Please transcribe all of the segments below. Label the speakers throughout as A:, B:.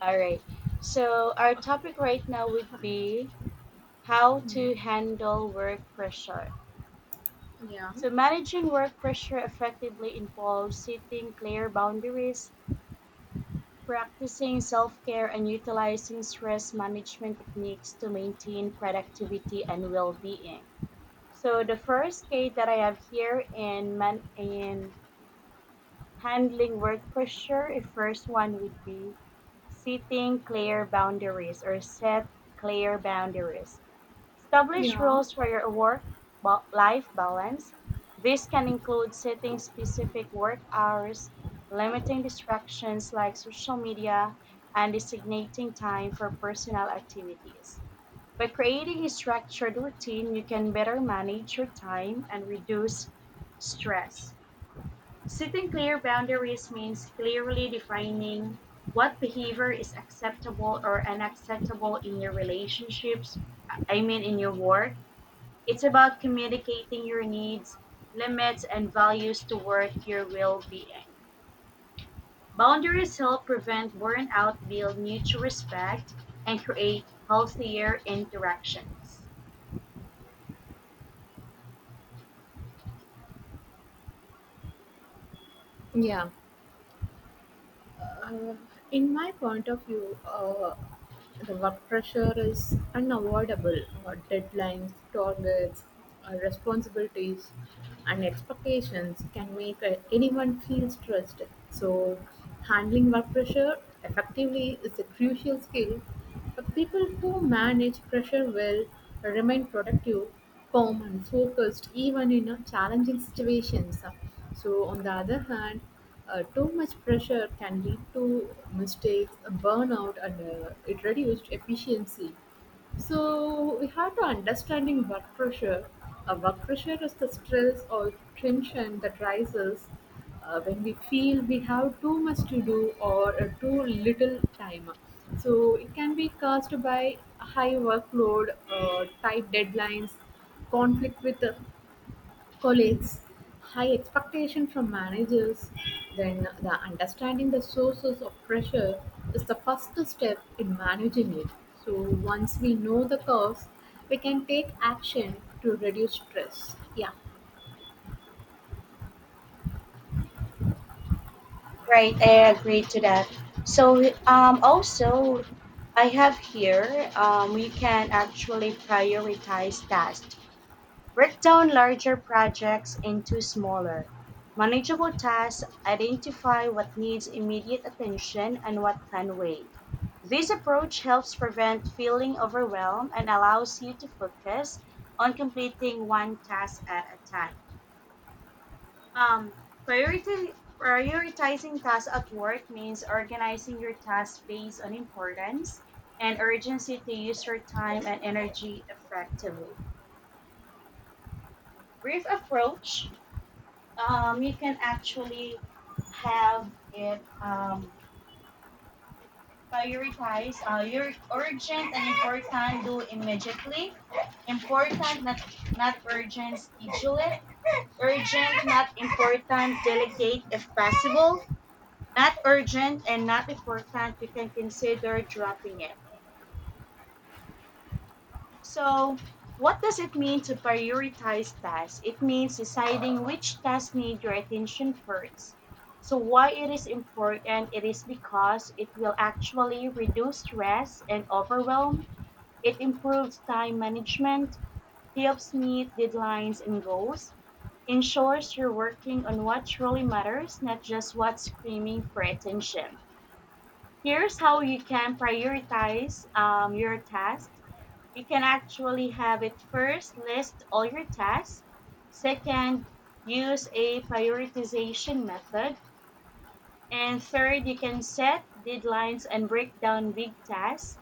A: All right. So our topic right now would be how to handle work pressure.
B: Yeah.
A: So managing work pressure effectively involves setting clear boundaries, practicing self-care and utilizing stress management techniques to maintain productivity and well-being. So the first K that I have here in handling work pressure, a first one would be setting clear boundaries, or set clear boundaries. Establish
B: Yeah.
A: rules for your life balance. This can include setting specific work hours, limiting distractions like social media, and designating time for personal activities. By creating a structured routine, you can better manage your time and reduce stress. Setting clear boundaries means clearly defining what behavior is acceptable or unacceptable in your relationships, I mean, in your work. It's about communicating your needs, limits, and values to work your well being. Boundaries help prevent burnout, build mutual respect, and create healthier interactions.
B: Yeah. Uh, in my point of view, the work pressure is unavoidable. Deadlines, targets, responsibilities, and expectations can make anyone feel stressed. So, handling work pressure effectively is a crucial skill. People who manage pressure well remain productive, calm, and focused even in challenging situations. So, on the other hand, too much pressure can lead to mistakes, burnout, and it reduced efficiency. So we have to understanding work pressure. Work pressure is the stress or tension that rises when we feel we have too much to do or too little time. So it can be caused by high workload, tight deadlines, conflict with colleagues, high expectation from managers, then the understanding the sources of pressure is the first step in managing it. So once we know the cause, we can take action to reduce stress. Yeah,
A: Right, I agree to that. So also, I have here we can actually prioritize tasks. Break down larger projects into smaller, manageable tasks. Identify what needs immediate attention and what can wait. This approach helps prevent feeling overwhelmed and allows you to focus on completing one task at a time. Um, priority, Prioritizing tasks at work means organizing your tasks based on importance and urgency to use your time and energy effectively. Brief approach, you can actually have it, prioritize your urgent and important, do immediately; important not urgent, schedule it; urgent not important, delegate if possible; not urgent and not important, you can consider dropping it. So, what does it mean to prioritize tasks? It means deciding which tasks need your attention first. So, why it is important? It is because it will actually reduce stress and overwhelm. It improves time management, helps meet deadlines and goals, ensures you're working on what truly matters, not just what's screaming for attention. Here's how you can prioritize your tasks. You can actually have it: first, list all your tasks. Second, use a prioritization method. And third, you can set deadlines and break down big tasks.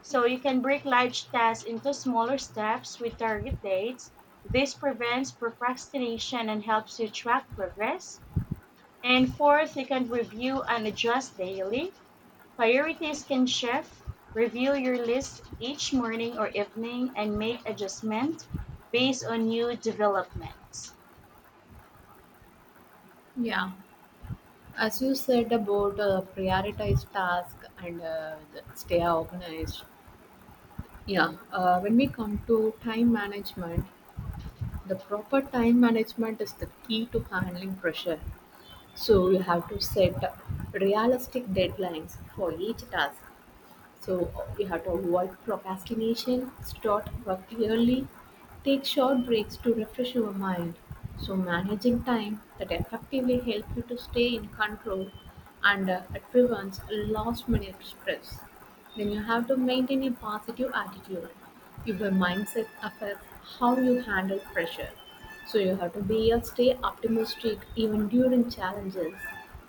A: So you can break large tasks into smaller steps with target dates. This prevents procrastination and helps you track progress. And fourth, you can review and adjust daily. Priorities can shift. Review your list each morning or evening and make adjustments based on new developments.
B: yeah. As you said about prioritize task and stay organized. Yeah, when we come to time management, the proper time management is the key to handling pressure. So you have to set realistic deadlines for each task. So you have to avoid procrastination, start work early, take short breaks to refresh your mind. So managing time that effectively helps you to stay in control and it prevents last minute stress. Then you have to maintain a positive attitude. Your mindset affects how you handle pressure. So you have to be a stay optimistic even during challenges.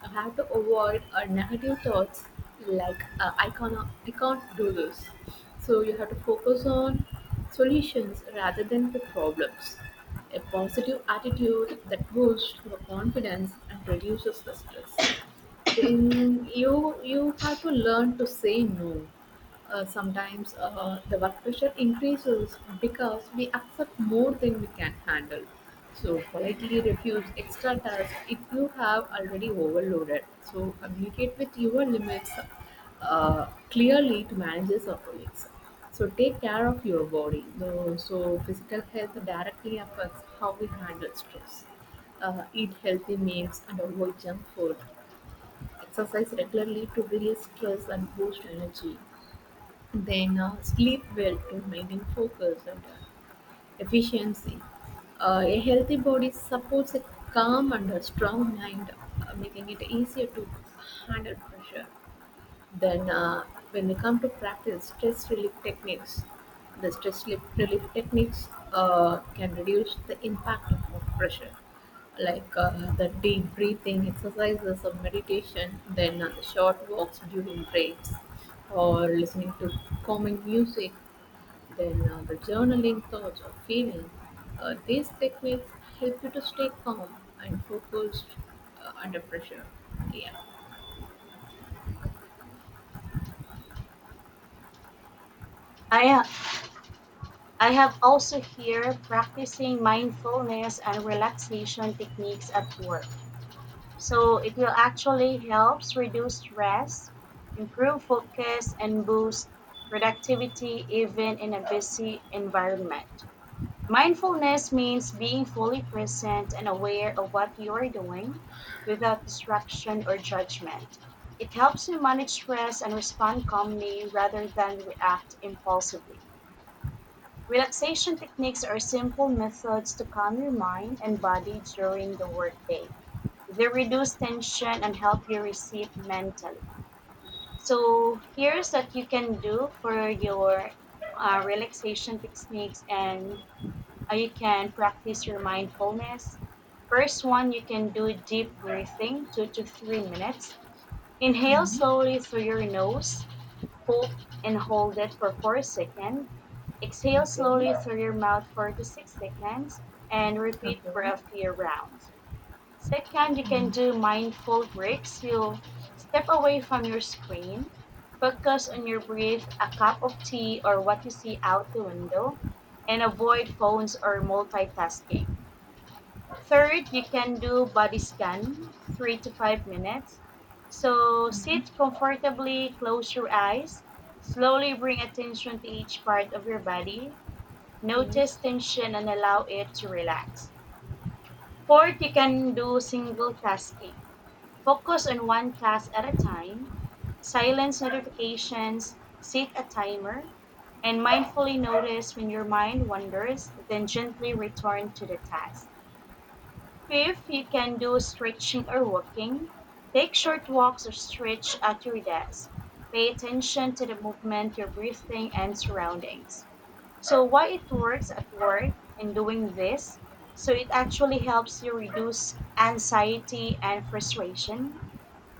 B: You have to avoid negative thoughts like I can't do this. So you have to focus on solutions rather than the problems. A positive attitude that boosts your confidence and reduces the stress, then you have to learn to say no. Sometimes the work pressure increases because we accept more than we can handle. So politely refuse extra tasks if you have already overloaded. So communicate with your limits clearly to managers or colleagues. So take care of your body. So, physical health directly affects how we handle stress. Eat healthy meals and avoid junk food. Exercise regularly to release stress and boost energy. Then sleep well to maintain focus and efficiency. A healthy body supports a calm and a strong mind, making it easier to handle pressure. Then, when we come to practice stress relief techniques, the stress relief techniques can reduce the impact of work pressure, like the deep breathing exercises or meditation, then short walks during breaks, or listening to calming music, then the journaling thoughts or feelings. These techniques help you to stay calm and focused under pressure. Yeah.
A: I, I have also here practicing mindfulness and relaxation techniques at work. So it will actually helps reduce stress, improve focus, and boost productivity even in a busy environment. Mindfulness means being fully present and aware of what you are doing without distraction or judgment. It helps you manage stress and respond calmly rather than react impulsively. Relaxation techniques are simple methods to calm your mind and body during the workday. They reduce tension and help you receive mentally. So, here's what you can do for your relaxation techniques, and you can practice your mindfulness. First one, you can do deep breathing, 2 to 3 minutes. Inhale
B: Hmm.
A: slowly through your nose, fold and hold it for 4 seconds. Exhale
B: Okay.
A: slowly through your mouth for 2 to 6 seconds and repeat
B: Okay.
A: for a few rounds. Second, you
B: Mm-hmm.
A: can do mindful breaks. You step away from your screen, focus on your breath, a cup of tea, or what you see out the window, and avoid phones or multitasking. Third, you can do body scan, 3 to 5 minutes. So sit comfortably, close your eyes, slowly bring attention to each part of your body.
B: Yes.
A: Notice tension and allow it to relax. Fourth, you can do single tasking. Focus on one class at a time, silence notifications, set a timer, and mindfully notice when your mind wanders, then gently return to the task. Fifth, you can do stretching or walking. Take short walks or stretch at your desk. Pay attention to the movement, your breathing, and surroundings. So, why it works at work and doing this? So, it actually helps you reduce anxiety and frustration.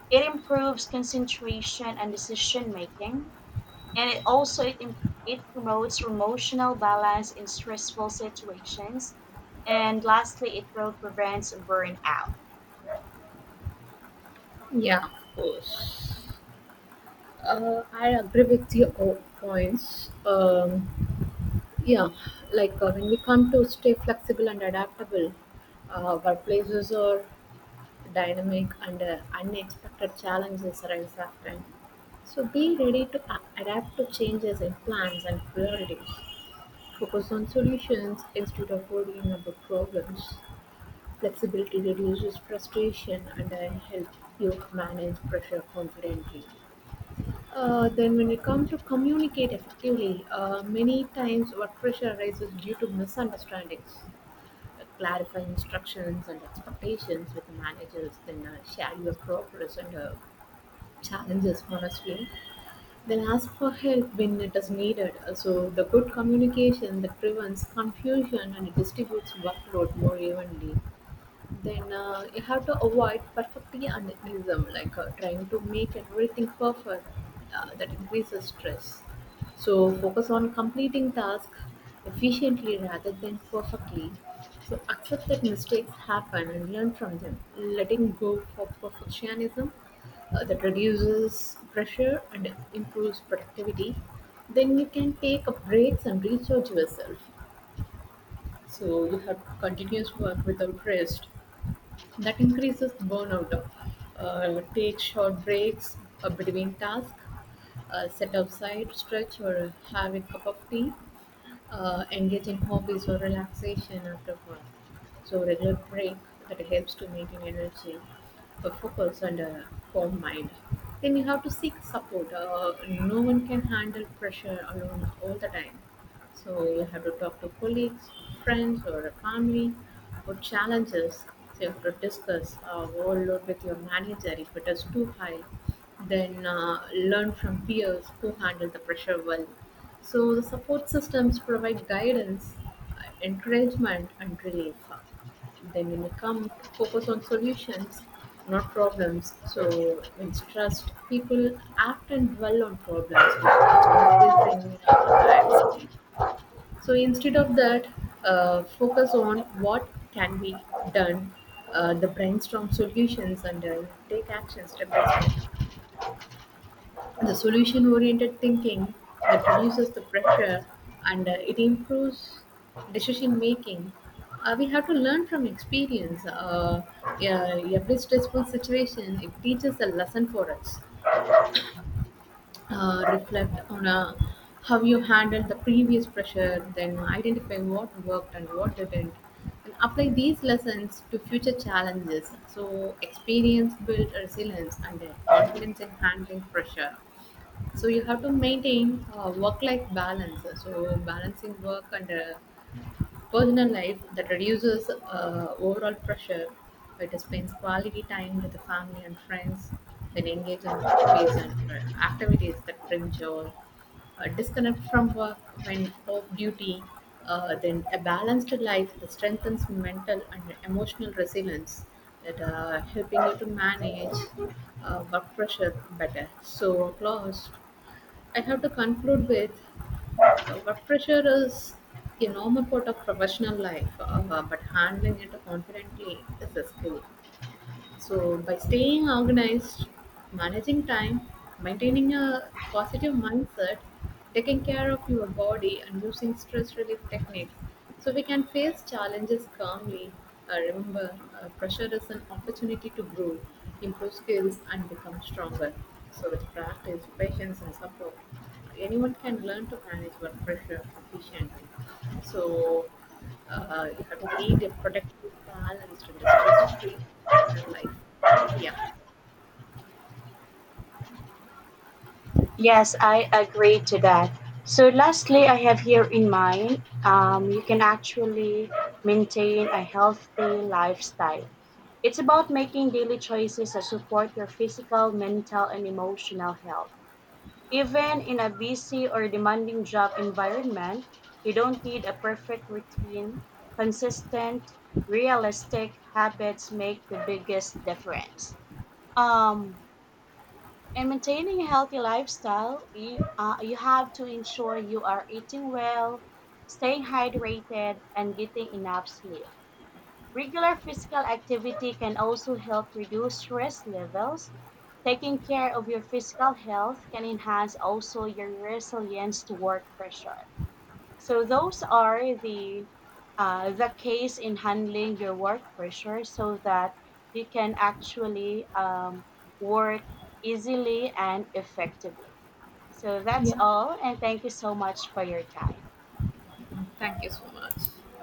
A: It improves concentration and decision making, and it also it, im- it promotes emotional balance in stressful situations. And lastly, it will prevent burnout.
B: Yeah, of course. I agree with your all points. Yeah, like when we come to stay flexible and adaptable, workplaces are dynamic and unexpected challenges arise often. So be ready to adapt to changes in plans and priorities. Focus on solutions instead of worrying about problems. Flexibility reduces frustration and I help you manage pressure confidently. Then when we come to communicate effectively, many times work pressure arises due to misunderstandings. Clarify instructions and expectations with managers, then share your progress and challenges honestly. Then ask for help when it is needed. So the good communication that prevents confusion and it distributes workload more evenly, then you have to avoid perfectionism, like trying to make everything perfect. That increases stress. So focus on completing tasks efficiently rather than perfectly. So accept that mistakes happen and learn from them. Letting go of perfectionism that reduces pressure and improves productivity. Then you can take breaks and recharge yourself. So you have continuous work without rest that increases burnout. Take short breaks between tasks, set outside, stretch, or have a cup of tea. Engage in hobbies or relaxation after work. So regular break that helps to maintain energy, focus, and a calm mind. Then you have to seek support. No one can handle pressure alone all the time. So you have to talk to colleagues, friends, or a family or challenges. So you have to discuss overload with your manager if it is too high. Then learn from peers who handle the pressure well. So the support systems provide guidance, encouragement, and relief. Then when you come to focus on solutions, not problems. So when stressed, people act and dwell on problems, with, which increasing anxiety. So instead of that, focus on what can be done, the brainstorm solutions and take action step by step. The solution oriented thinking that reduces the pressure and it improves decision making. We have to learn from experience. Yeah, every stressful situation it teaches a lesson for us. Reflect on how you handled the previous pressure, then identify what worked and what didn't, and apply these lessons to future challenges. So, experience built resilience and confidence in handling pressure. So, you have to maintain work life balance. So, balancing work and personal life that reduces overall pressure. It spends quality time with the family and friends, then engage in hobbies and activities that bring joy. Disconnect from work when off duty. Then a balanced life that strengthens mental and emotional resilience, that helping you to manage work pressure better. So, closed. I have to conclude with work pressure is a normal part of professional life, but handling it confidently is a skill. So, by staying organized, managing time, maintaining a positive mindset, taking care of your body, and using stress relief techniques, so we can face challenges calmly. Remember, pressure is an opportunity to grow, improve skills, and become stronger. So, with practice, patience, and support, anyone can learn to manage work pressure efficiently. So you have to lead a productive, balanced, and stress-free life. Yeah.
A: Yes, I agree to that. So lastly, I have here in mind, you can actually maintain a healthy lifestyle. It's about making daily choices that support your physical, mental, and emotional health. Even in a busy or demanding job environment, you don't need a perfect routine. Consistent, realistic habits make the biggest difference. Um, in maintaining a healthy lifestyle, you have to ensure you are eating well, staying hydrated, and getting enough sleep. Regular physical activity can also help reduce stress levels. Taking care of your physical health can enhance also your resilience to work pressure. So those are the case in handling your work pressure so that you can actually work easily and effectively. So that's
B: Yeah.
A: all, and thank you so much for your time.
B: Thank you so much.